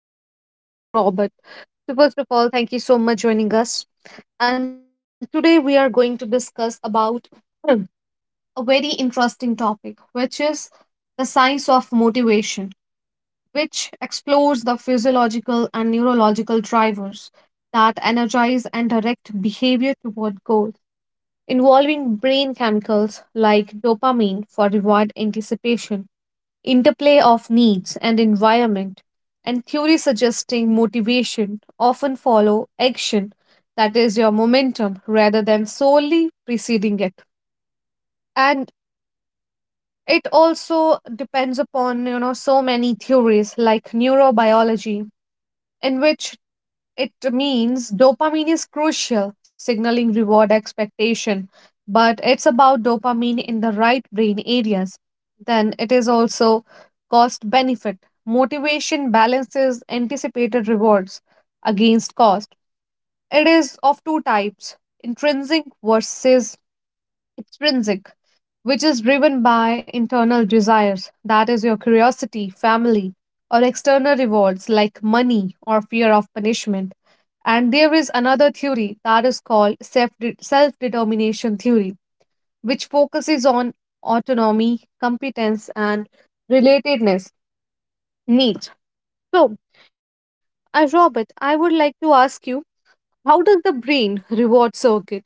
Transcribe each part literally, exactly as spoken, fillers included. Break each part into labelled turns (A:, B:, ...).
A: have my friend with me, Robert. So, first of all, thank you so much joining us. And today we are going to discuss about a very interesting topic, which is the science of motivation, which explores the physiological and neurological drivers that energize and direct behavior toward goals involving brain chemicals like dopamine for reward anticipation, interplay of needs and environment, and theory suggesting motivation often follow action, that is, your momentum, rather than solely preceding it. And it also depends upon, you know, so many theories like neurobiology, in which it means dopamine is crucial, signaling reward expectation, but it's about dopamine in the right brain areas. Then it is also cost benefit. Motivation balances anticipated rewards against cost. It is of two types intrinsic versus extrinsic, which is driven by internal desires, that is, your curiosity, family, or external rewards like money or fear of punishment. And there is another theory that is called self determination theory, which focuses on autonomy, competence, and relatedness needs. So, uh, Robert, I would like to ask you how does the brain reward circuit,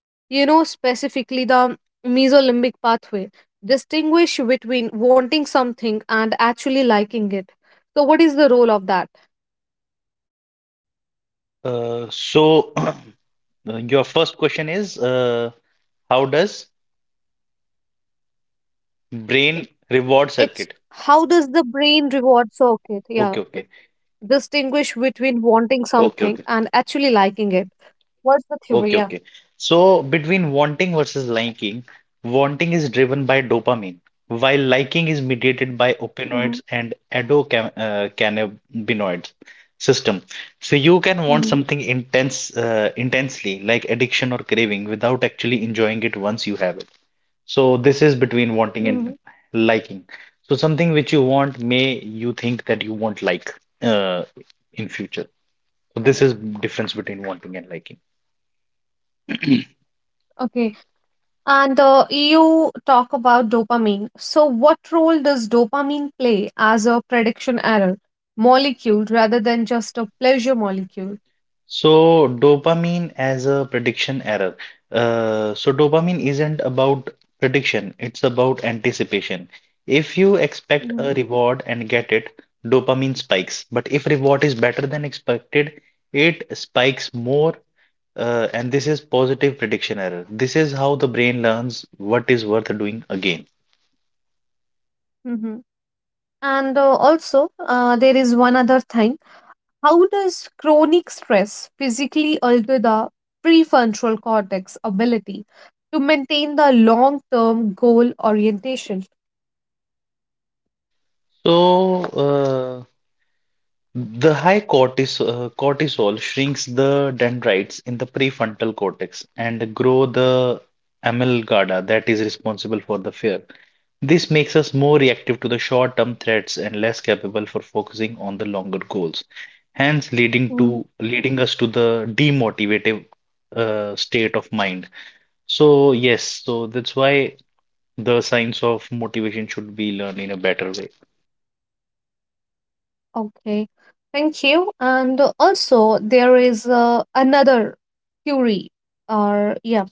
A: you know, specifically the mesolimbic pathway, distinguish between wanting something and actually liking it? So, what is the role of that?
B: Uh, so uh, your first question is uh, how does brain reward
A: It's
B: circuit?
A: how does the brain reward circuit,
B: Okay,
A: yeah,
B: okay.
A: distinguish between wanting
B: Okay, okay.
A: something and actually liking it? What's the
B: Okay,
A: theory? Yeah.
B: okay. So between wanting versus liking, wanting is driven by dopamine, while liking is mediated by opioids
A: Mm-hmm.
B: and endocannabinoid system. So you can want
A: Mm-hmm.
B: something intense, uh, intensely, like addiction or craving, without actually enjoying it once you have it. So this is between wanting and
A: Mm-hmm.
B: liking. So something which you want may you think that you won't like uh, in future. So this is difference between wanting and liking.
A: Okay. And uh, you talk about dopamine. So, what role does dopamine play as a prediction error molecule rather than just a pleasure molecule?
B: So dopamine as a prediction error. Uh, so dopamine isn't about prediction, it's about anticipation. If you expect
A: Mhm,
B: a reward and get it, dopamine spikes. But if reward is better than expected, it spikes more. Uh, and this is positive prediction error. This is how the brain learns what is worth doing again.
A: mhm. And uh, also, uh, there is one other thing. How does chronic stress physically alter the prefrontal cortex ability to maintain the long term goal orientation?
B: So, uh, the high cortis uh, cortisol shrinks the dendrites in the prefrontal cortex and grow the amygdala that is responsible for the fear. This makes us more reactive to the short-term threats and less capable for focusing on the longer goals, hence leading to leading us to the demotivative uh, state of mind. So yes, so that's why the science of motivation should be learned in a better way.
A: Okay, thank you. And also, there is uh, another theory, or yeah,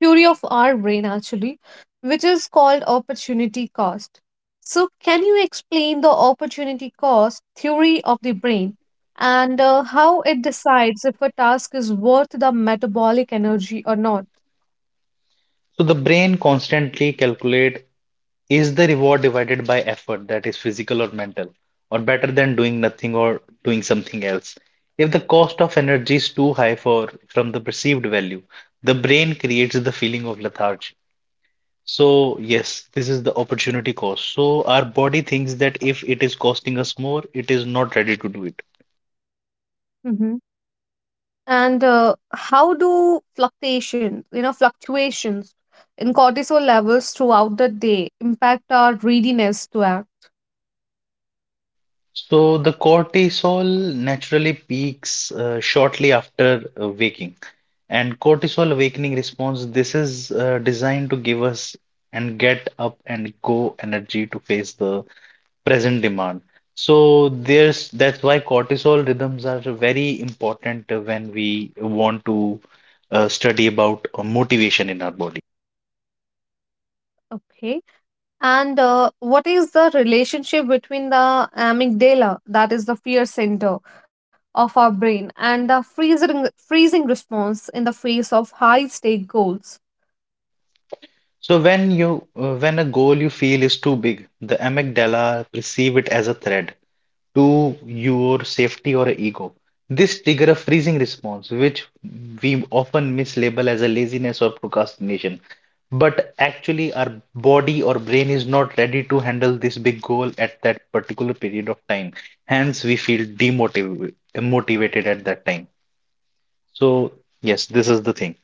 A: theory of our brain actually, which is called opportunity cost. So, can you explain the opportunity cost theory of the brain and uh, how it decides if a task is worth the metabolic energy or not?
B: So the brain constantly calculate is the reward divided by effort that is physical or mental or better than doing nothing or doing something else. If the cost of energy is too high for from the perceived value, the brain creates the feeling of lethargy. So yes, this is the opportunity cost. So our body thinks that if it is costing us more, it is not ready to do it.
A: Hmm. And uh, how do fluctuations, you know, fluctuations in cortisol levels throughout the day impact our readiness to act?
B: So the cortisol naturally peaks uh, shortly after uh, waking. And cortisol awakening response, this is uh, designed to give us and get up and go energy to face the present demand. So there's that's why cortisol rhythms are very important uh, when we want to uh, study about uh, motivation in our body.
A: Okay. And uh, what is the relationship between the amygdala, that is the fear center of our brain, and the freezing freezing response in the face of high stake goals?
B: So when you uh, when a goal you feel is too big, the amygdala perceive it as a threat to your safety or ego. This trigger a freezing response, which we often mislabel as a laziness or procrastination. But actually, our body or brain is not ready to handle this big goal at that particular period of time. Hence, we feel demotivated motivated at that time. So, yes, this is the thing.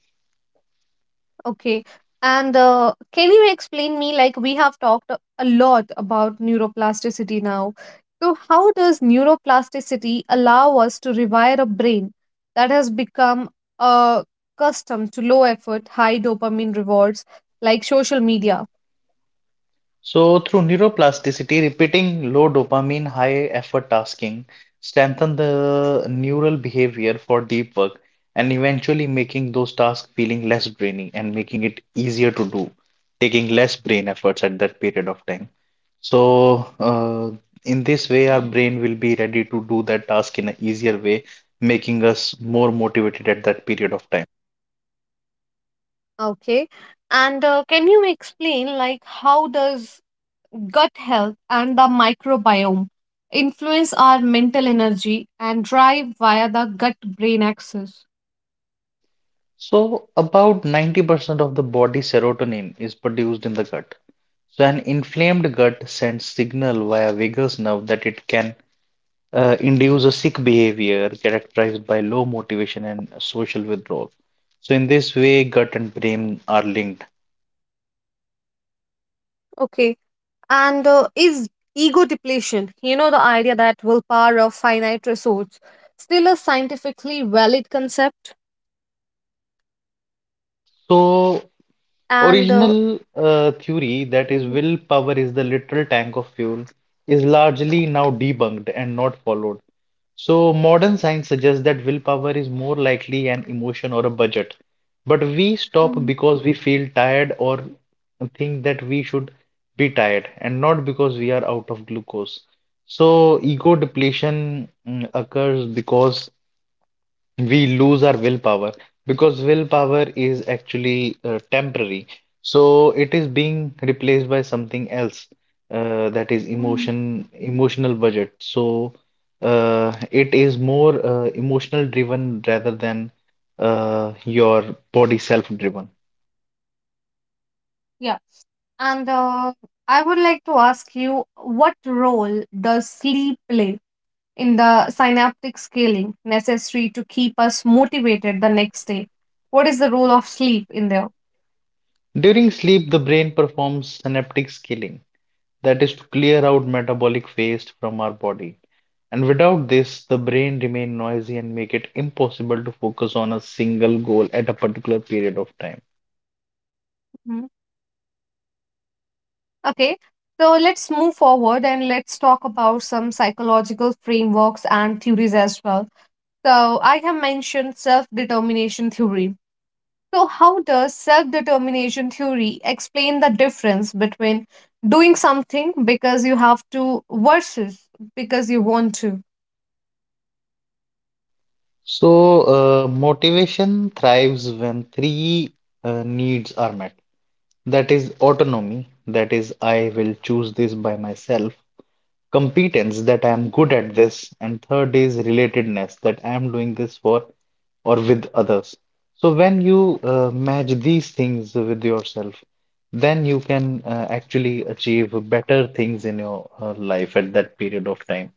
A: Okay. And uh, can you explain me, like we have talked a a lot about neuroplasticity now. So how does neuroplasticity allow us to rewire a brain that has become uh, accustomed to low effort, high dopamine rewards like social media?
B: So, through neuroplasticity, repeating low dopamine, high effort tasking strengthen the neural behavior for deep work and eventually making those tasks feeling less draining and making it easier to do, taking less brain efforts at that period of time. So, uh, in this way, our brain will be ready to do that task in an easier way, making us more motivated at that period of time.
A: Okay. And uh, can you explain, like how does gut health and the microbiome influence our mental energy and drive via the gut brain axis?
B: So, about ninety percent of the body serotonin is produced in the gut. So an inflamed gut sends signal via vagus nerve that it can uh, induce a sick behavior characterized by low motivation and social withdrawal. So in this way, gut and brain are linked.
A: Okay. And uh, is ego depletion, you know the idea that willpower of finite resource, still a scientifically valid concept?
B: So,
A: And uh,
B: original uh, theory
A: mhm,
B: that is willpower is the literal tank of fuel is largely now debunked and not followed. So, modern science suggests that willpower is more likely an emotion or a budget. But we stop
A: mhm,
B: because we feel tired or think that we should be tired and not because we are out of glucose. So, ego depletion mm, occurs because we lose our willpower because willpower is actually uh, temporary. So it is being replaced by something else uh, that is
A: mhm.
B: emotion, emotional budget. So uh, it is more uh, emotional driven rather than uh, your body self driven.
A: Yeah. And uh, I would like to ask you what role does sleep play in the synaptic scaling necessary to keep us motivated the next day? What is the role of sleep in there?
B: During sleep, the brain performs synaptic scaling, that is to clear out metabolic waste from our body. And without this, the brain remains noisy and make it impossible to focus on a single goal at a particular period of time.
A: Okay, so let's move forward and let's talk about some psychological frameworks and theories as well. So, I have mentioned self determination theory. So, how does self determination theory explain the difference between doing something because you have to versus because you want to?
B: So, uh, motivation thrives when three uh, needs are met. That is autonomy. That is, I will choose this by myself. Competence, that I am good at this. And third is relatedness, that I am doing this for or with others. So when you uh, match these things with yourself, then you can uh, actually achieve better things in your uh, life at that period of time.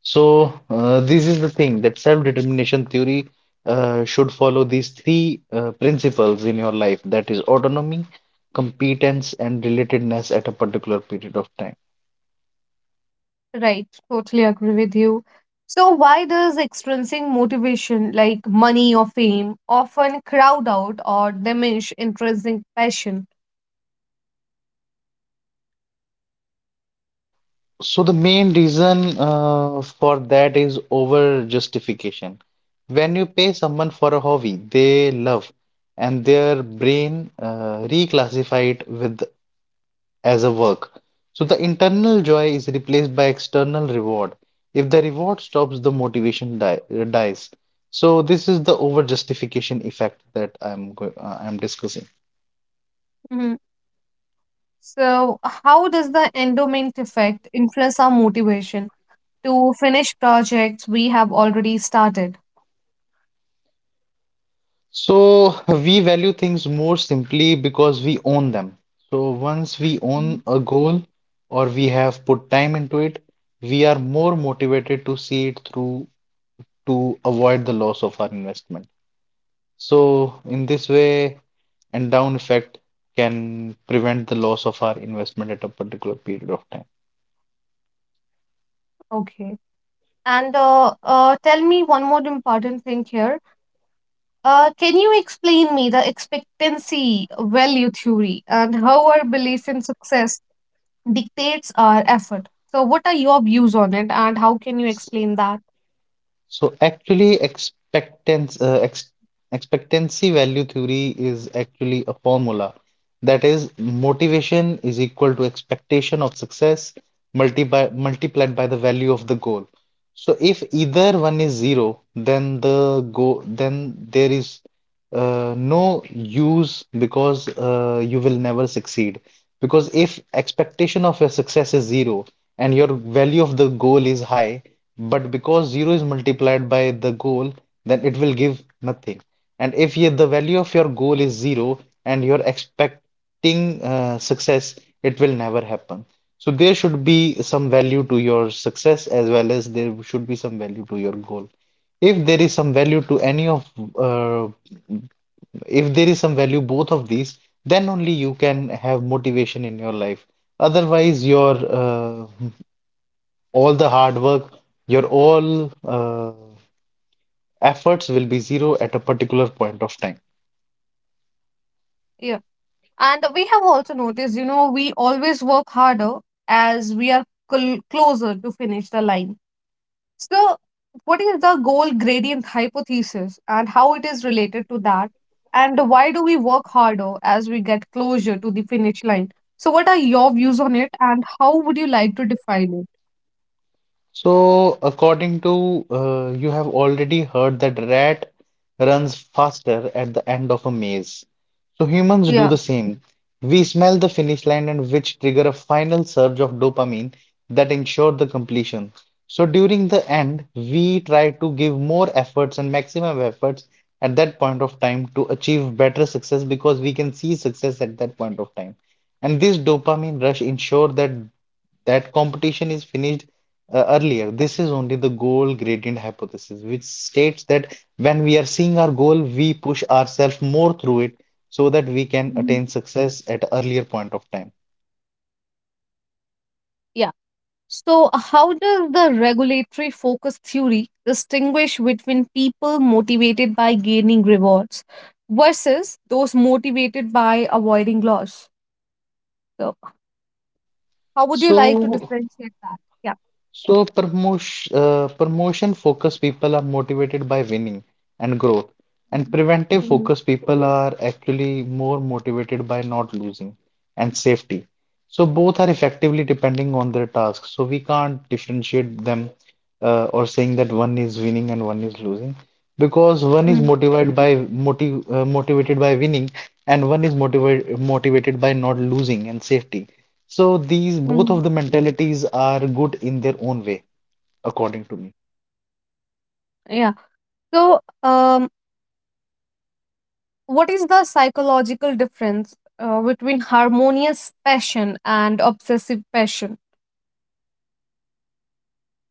B: So, uh, this is the thing that self-determination theory uh, should follow these three uh, principles in your life, that is autonomy, competence, and relatedness at a particular period of time.
A: Right, totally agree with you. So, why does experiencing motivation like money or fame often crowd out or diminish intrinsic passion?
B: So, so the main reason uh, for that is over justification. When you pay someone for a hobby they love, and their brain uh, reclassify it with as a work. So the internal joy is replaced by external reward. If the reward stops, the motivation die, dies. So this is the over justification effect that I'm go uh, I'm discussing.
A: Mm-hmm. So, how does the endowment effect influence our motivation to finish projects we have already started?
B: So we value things more simply because we own them. So once we own
A: Mhm.
B: a goal or we have put time into it, we are more motivated to see it through to avoid the loss of our investment. So, in this way, and down effect can prevent the loss of our investment at a particular period of time.
A: Okay. And uh, uh, tell me one more important thing here. Uh, can you explain me the expectancy value theory and how our belief in success dictates our effort? So, what are your views on it, and how can you explain that?
B: So actually, expectance, uh, ex expectancy value theory is actually a formula. That is, motivation is equal to expectation of success multiply, multiplied by the value of the goal. So if either one is zero, then the go then there is uh, no use because uh, you will never succeed. Because if expectation of your success is zero and your value of the goal is high, but because zero is multiplied by the goal, then it will give nothing. And if you, the value of your goal is zero and you're expecting uh, success, it will never happen. So there should be some value to your success as well as there should be some value to your goal. If there is some value to any of, uh, if there is some value both of these, then only you can have motivation in your life. Otherwise, your uh, all the hard work, your all uh, efforts will be zero at a particular point of time.
A: Yeah. And we have also noticed, you know, we always work harder as we are cl- closer to finish the line. So, what is the goal gradient hypothesis and how it is related to that? And why do we work harder as we get closer to the finish line? So, what are your views on it and how would you like to define it?
B: So, according to uh, you have already heard that rat runs faster at the end of a maze. So humans do
A: Yeah.
B: the same. We smell the finish line and which trigger a final surge of dopamine that ensure the completion. So during the end, we try to give more efforts and maximum efforts at that point of time to achieve better success because we can see success at that point of time. And this dopamine rush ensure that that competition is finished uh, earlier. This is only the goal gradient hypothesis, which states that when we are seeing our goal, we push ourselves more through it so that we can
A: Mhm.
B: attain success at earlier point of time.
A: Yeah. So, how does the regulatory focus theory distinguish between people motivated by gaining rewards versus those motivated by avoiding loss? So, how would you like to
B: So
A: differentiate that? Yeah.
B: So promotion uh, promotion focused people are motivated by winning and growth, and preventive
A: Mm-hmm.
B: focused people are actually more motivated by not losing and safety. So both are effectively depending on their task. So we can't differentiate them uh, or saying that one is winning and one is losing because one is
A: Hmm.
B: motivated by motiv uh, motivated by winning and one is motivated motivated by not losing and safety. So these both
A: Hmm.
B: of the mentalities are good in their own way, according to me.
A: Yeah. So, um, what is the psychological difference uh, between harmonious passion and obsessive passion?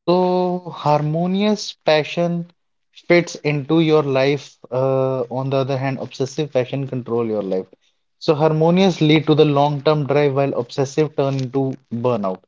B: So, harmonious passion fits into your life. Uh, on the other hand, obsessive passion control your life. So, harmonious lead to the long-term drive, while obsessive turn into burnout.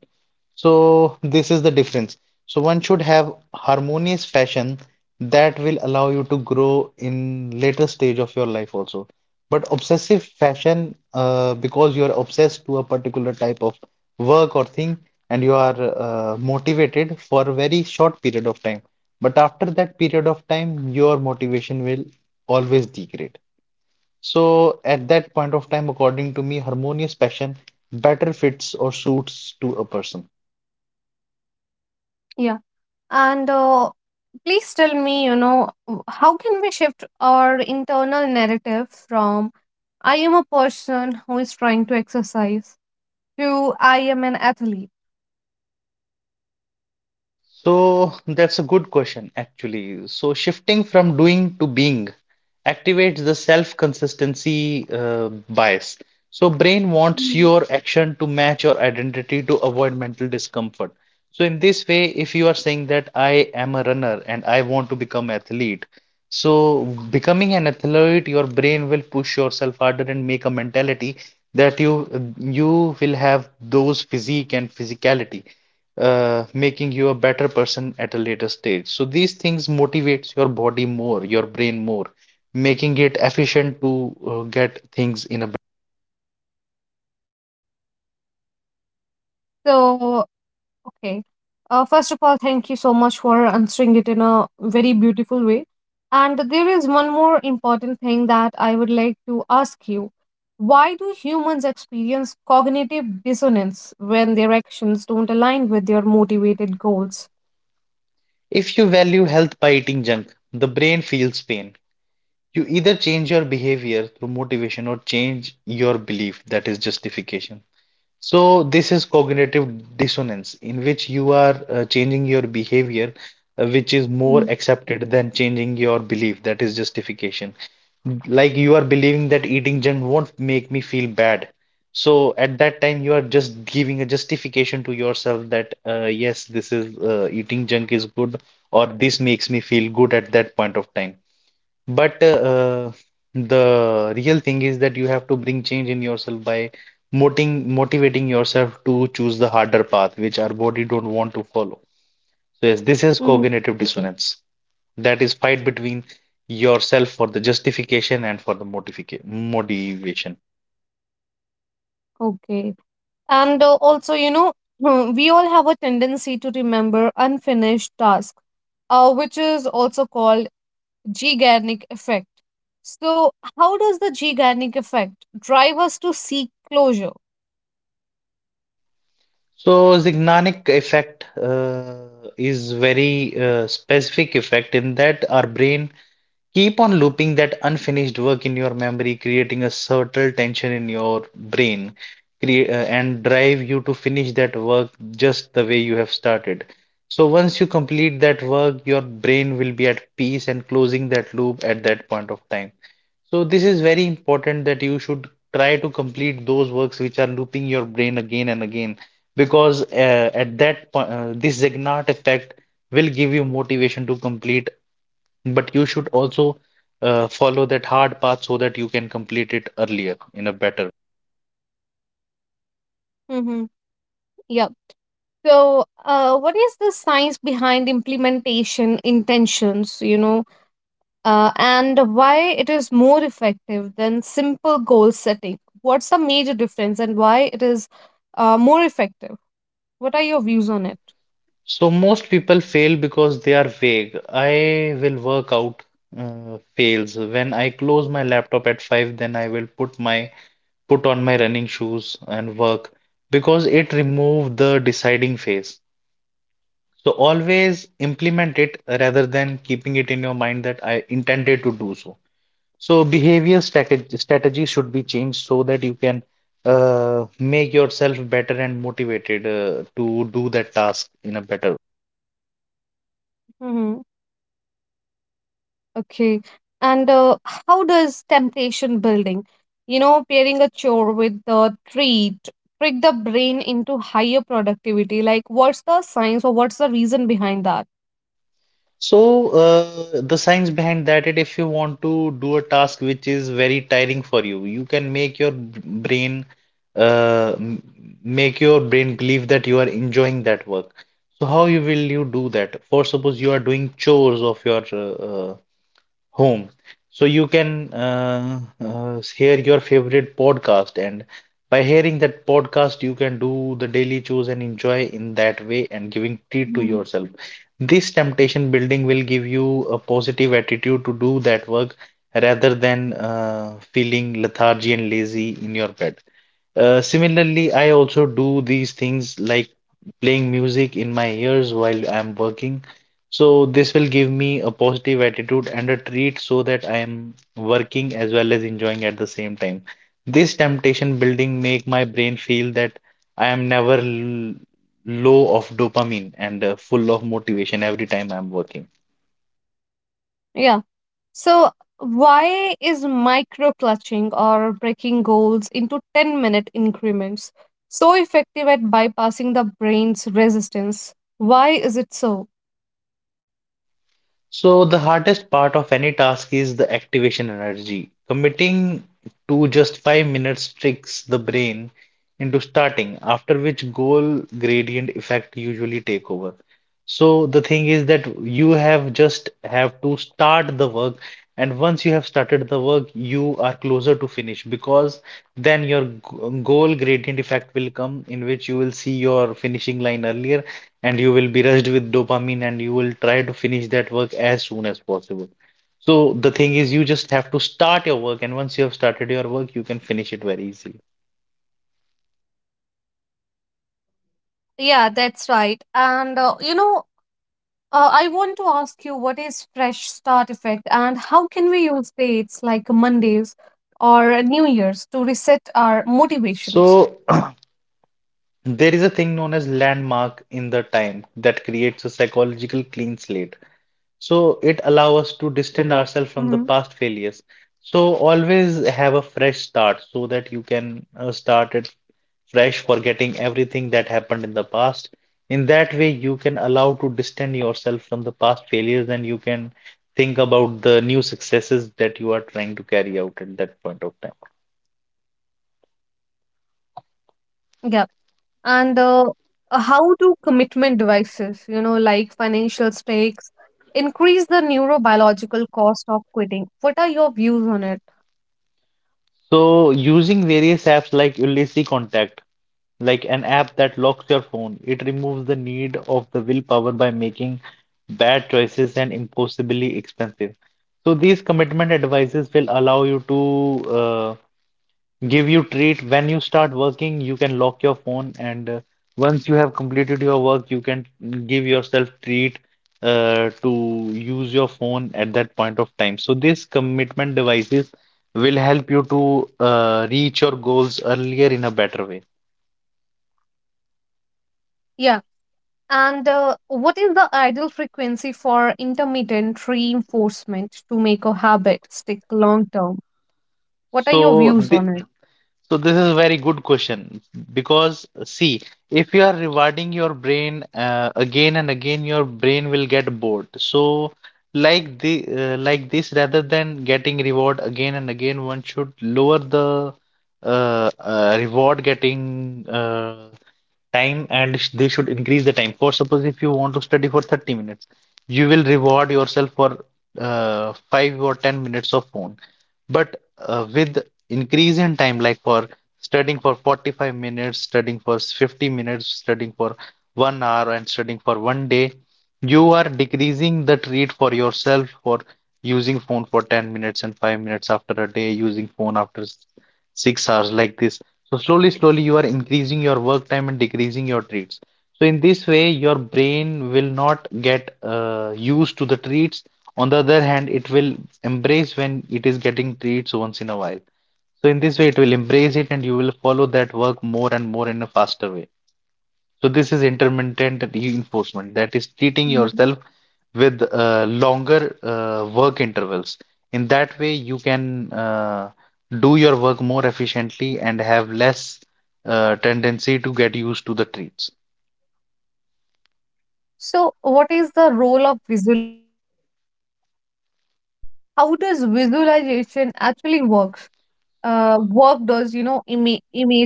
B: So, this is the difference. So, one should have harmonious passion that will allow you to grow in later stage of your life also. But obsessive passion, uh, because you are obsessed to a particular type of work or thing, and you are uh, motivated for a very short period of time. But after that period of time, your motivation will always degrade. So, at that point of time, according to me, harmonious passion better fits or suits to a person.
A: Yeah. And uh, please tell me, you know, w- how can we shift our internal narrative from I am a person who is trying to exercise to I am an athlete?
B: So that's a good question, actually. So shifting from doing to being activates the self-consistency uh, bias. So brain wants
A: Mhm.
B: your action to match your identity to avoid mental discomfort. So in this way, if you are saying that I am a runner and I want to become athlete, so becoming an athlete, your brain will push yourself harder and make a mentality that you you will have those physique and physicality, uh, making you a better person at a later stage. So these things motivates your body more, your brain more, making it efficient to uh, get things in a.
A: So, okay. Uh, first of all, thank you so much for answering it in a very beautiful way. And there is one more important thing that I would like to ask you. Why do humans experience cognitive dissonance when their actions don't align with their motivated goals?
B: If you value health by eating junk, the brain feels pain. You either change your behavior through motivation or change your belief, that is justification. So, this is cognitive dissonance, in which you are uh, changing your behavior, uh, which is more
A: Mm,
B: accepted than changing your belief. That is justification. Like you are believing that eating junk won't make me feel bad. So, at that time, you are just giving a justification to yourself that, uh, yes, this is uh, eating junk is good, or this makes me feel good at that point of time. But uh, The real thing is that you have to bring change in yourself by moting, motivating yourself to choose the harder path, which our body don't want to follow. So yes, this is
A: mhm.
B: cognitive dissonance. That is fight between yourself for the justification and for the motifica- motivation.
A: Okay. And uh, also, you know, we all have a tendency to remember unfinished tasks, uh, which is also called Zeigarnik effect. So, how does the Zeigarnik effect drive us to seek closure?
B: So Zeigarnik effect uh, is very uh, specific effect in that our brain keep on looping that unfinished work in your memory, creating a subtle tension in your brain, create, and drive you to finish that work just the way you have started. So once you complete that work, your brain will be at peace and closing that loop at that point of time. So this is very important that you should try to complete those works which are looping your brain again and again, because uh, at that point, uh, this Zegnat effect will give you motivation to complete, but you should also uh, follow that hard path so that you can complete it earlier in a better.
A: Mm-hmm. Yep. So, uh, what is the science behind implementation intentions? You know, uh, and why it is more effective than simple goal setting. What's the major difference and why it is uh, more effective? What are your views on it?
B: So most people fail because they are vague. I will work out uh, fails. When I close my laptop at five, then I will put my put on my running shoes and work because it removed the deciding phase. So always implement it rather than keeping it in your mind that I intended to do so. So behavior strategy strategy should be changed so that you can uh, make yourself better and motivated uh, to do that task in a better.
A: Hmm. Okay. And uh, how does temptation building, you know, pairing a chore with the treat, trick the brain into higher productivity? Like, what's the science or what's the reason behind that?
B: So uh, the science behind that is if you want to do a task which is very tiring for you, you can make your b- brain uh, m- make your brain believe that you are enjoying that work. So how you will you do that? For suppose you are doing chores of your uh, uh, home. So you can uh, uh, hear your favorite podcast, and by hearing that podcast, you can do the daily choose and enjoy in that way and giving treat to
A: Mhm.
B: yourself. This temptation building will give you a positive attitude to do that work rather than uh, feeling lethargy and lazy in your bed. Uh, similarly, I also do these things like playing music in my ears while I'm working. So this will give me a positive attitude and a treat so that I am working as well as enjoying at the same time. This temptation building make my brain feel that I am never l- low of dopamine and uh, full of motivation every time I'm working.
A: Yeah. So, why is micro clutching or breaking goals into ten minute increments so effective at bypassing the brain's resistance? Why is it so?
B: So, the hardest part of any task is the activation energy. Committing to just five minutes tricks the brain into starting, after which goal gradient effect usually take over. So, the thing is that you have just have to start the work, and once you have started the work, you are closer to finish because then your g- goal gradient effect will come, in which you will see your finishing line earlier, and you will be rushed with dopamine and you will try to finish that work as soon as possible. So the thing is, you just have to start your work, and once you have started your work, you can finish it very easily.
A: Yeah, that's right. And uh, you know, uh, I want to ask you, what is fresh start effect and how can we use dates like Mondays or New Year's to reset our motivations?
B: So there is a thing known as landmark in the time that creates a psychological clean slate. So it allows us to distance ourselves from the
A: Mm-hmm.
B: past failures. So always have a fresh start so that you can uh, start it fresh, forgetting everything that happened in the past. In that way, you can allow to distance yourself from the past failures and you can think about the new successes that you are trying to carry out at that point of time.
A: Yeah. And uh, uh, how do commitment devices, you know like financial stakes, increase the neurobiological cost of quitting? What are your views on it?
B: So, using various apps like Ulysses Contact, like an app that locks your phone, it removes the need of the willpower by making bad choices and impossibly expensive. So these commitment advices will allow you to uh, give you treat when you start working. You can lock your phone and uh, once you have completed your work, you can give yourself treat uh, to use your phone at that point of time. So these commitment devices will help you to uh, reach your goals earlier in a better way.
A: Yeah. And uh, what is the ideal frequency for intermittent reinforcement to make a habit stick long term? What
B: so
A: are your
B: Okay.
A: views
B: the,
A: on it?
B: So this is a very good question because see, if you are rewarding your brain uh, again and again, your brain will get bored. So like the uh, like this, rather than getting reward again and again, one should lower the uh, uh, reward getting uh, time and sh- they should increase the time. For suppose if you want to study for thirty minutes, you will reward yourself for uh, five or ten minutes of phone. But uh, With increase in time, like for studying for forty-five minutes, studying for fifty minutes, studying for one hour, and studying for one day, you are decreasing the treat for yourself for using phone for ten minutes and five minutes after a day, using phone after s- six hours, like this. So, slowly, slowly, you are increasing your work time and decreasing your treats. So, in this way, your brain will not get uh, used to the treats. On the other hand, it will embrace when it is getting treats once in a while. So in this way, it will embrace it and you will follow that work more and more in a faster way. So this is intermittent reinforcement, that is treating
A: Mhm.
B: yourself with uh, longer uh, work intervals. In that way, you can uh, do your work more efficiently and have less uh, tendency to get used to the treats.
A: So what is the role of visualization? Like, how does visualization actually works uh, work? Does, you know ima- imagining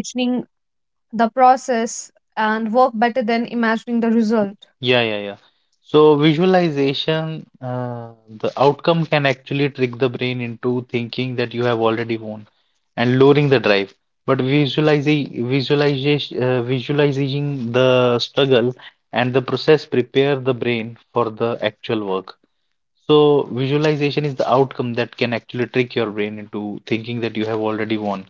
A: the process and work better than imagining the result?
B: Yeah, yeah, yeah. So visualization, uh, the outcome can actually trick the brain into thinking that you have already won and lowering the drive. But visualizing, visualization, uh, visualizing the struggle and the process prepare the brain for the actual work. So visualization is the outcome that can actually trick your brain into thinking that you have already won.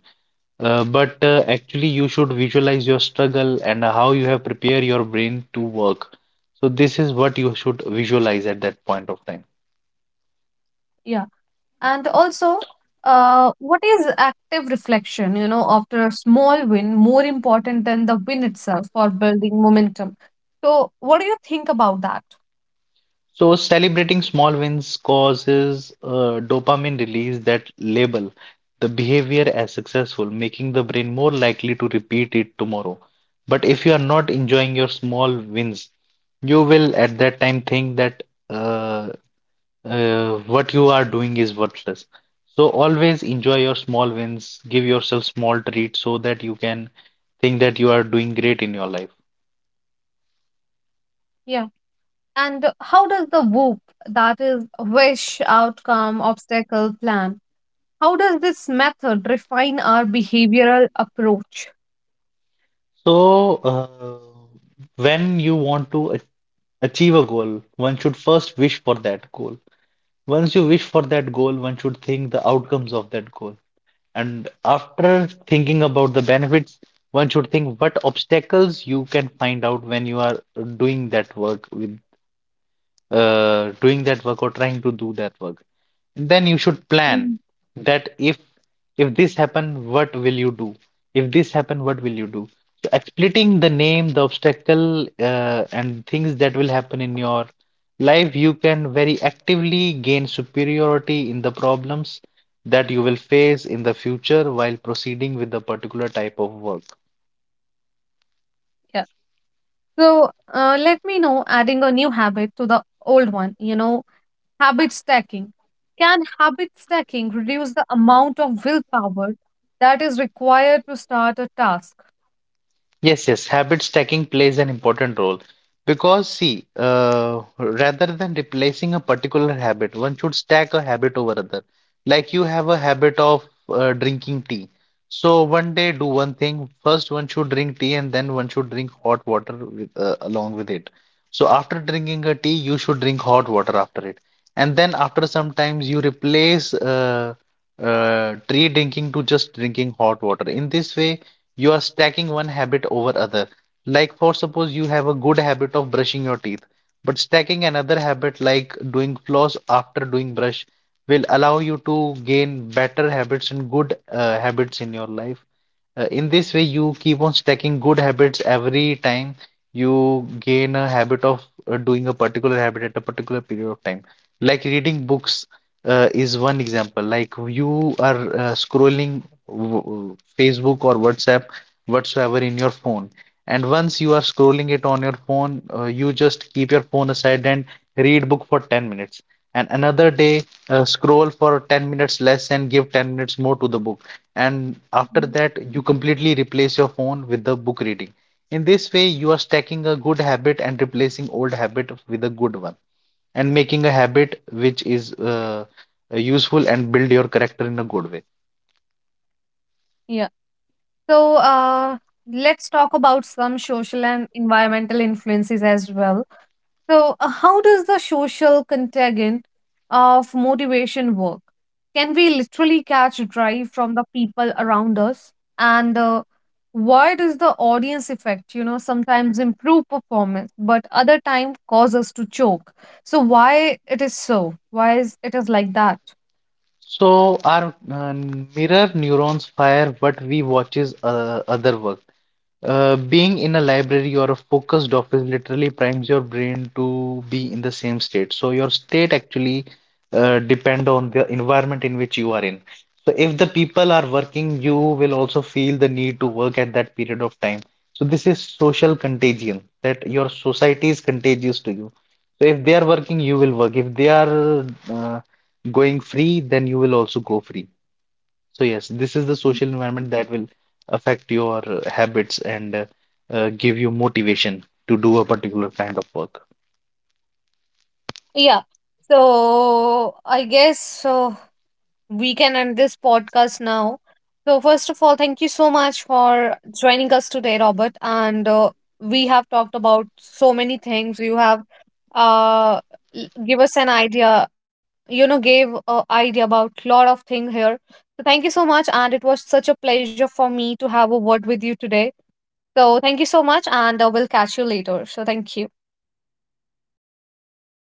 B: Uh, but uh, Actually, you should visualize your struggle and how you have prepared your brain to work. So, this is what you should visualize at that point of time.
A: Yeah. And also, uh, what is active reflection, you know after a small win, more important than the win itself for building momentum? So what do you think about that?
B: So, celebrating small wins causes uh, dopamine release that label the behavior as successful, making the brain more likely to repeat it tomorrow. But if you are not enjoying your small wins, you will at that time think that. Uh, uh, what you are doing is worthless. So always enjoy your small wins, give yourself small treats so that you can think that you are doing great in your life.
A: Yeah. And how does the whoop, that is wish outcome obstacle plan, how does this method refine our behavioral approach?
B: So uh, when you want to ach- achieve a goal, one should first wish for that goal. Once you wish for that goal, one should think the outcomes of that goal. And after thinking about the benefits, one should think what obstacles you can find out when you are doing that work, uh, doing that work or trying to do that work, then you should plan
A: Mhm.
B: that if if this happen, what will you do, if this happen, what will you do. So exploiting the name the obstacle uh, and things that will happen in your life, you can very actively gain superiority in the problems that you will face in the future while proceeding with the particular type of work.
A: So uh, let me know, adding a new habit to the old one, you know, habit stacking. Can habit stacking reduce the amount of willpower that is required to start a task?
B: Yes, yes, habit stacking plays an important role because, see, uh, rather than replacing a particular habit, one should stack a habit over other. Like you have a habit of uh, drinking tea. So one day do one thing. First one should drink tea and then one should drink hot water with, uh, along with it. So after drinking a tea, you should drink hot water after it. And then after sometimes you replace uh, uh, tea drinking to just drinking hot water. In this way, you are stacking one habit over other. Like for suppose you have a good habit of brushing your teeth, but stacking another habit like doing floss after doing brush will allow you to gain better habits and good uh, habits in your life. Uh, in this way, you keep on stacking good habits every time you gain a habit of uh, doing a particular habit at a particular period of time. Like reading books uh, is one example. Like you are uh, scrolling w- Facebook or WhatsApp, whatsoever in your phone. And once you are scrolling it on your phone, uh, you just keep your phone aside and read book for ten minutes. And another day, uh, scroll for ten minutes less and give ten minutes more to the book. And after
A: Mhm.
B: that, you completely replace your phone with the book reading. In this way, you are stacking a good habit and replacing old habit with a good one, and making a habit which is uh, useful and build your character in a good way.
A: Yeah. So uh, let's talk about some social and environmental influences as well. So, uh, how does the social contagion of motivation work? Can we literally catch drive from the people around us? And uh, why does the audience effect, you know, sometimes improve performance, but other time cause us to choke? So, why it is so? Why is it is like that?
B: So our uh, mirror neurons fire what we watches uh, other work. Uh, being in a library or a focused office literally primes your brain to be in the same state. So your state actually uh, depend on the environment in which you are in. So if the people are working, you will also feel the need to work at that period of time. So this is social contagion that your society is contagious to you. So if they are working, you will work. If they are uh, going free, then you will also go free. So yes, this is the social environment that will affect your uh, habits and uh, uh, give you motivation to do a particular kind of work.
A: Yeah. So I guess so, we can end this podcast now. So, first of all, thank you so much for joining us today, Robert. And uh, we have talked about so many things. You have uh, l- give us an idea, you know, gave a idea about lot of things here. So, thank you so much. And it was such a pleasure for me to have a word with you today. So, thank you so much. And uh, we'll catch you later. So, thank you.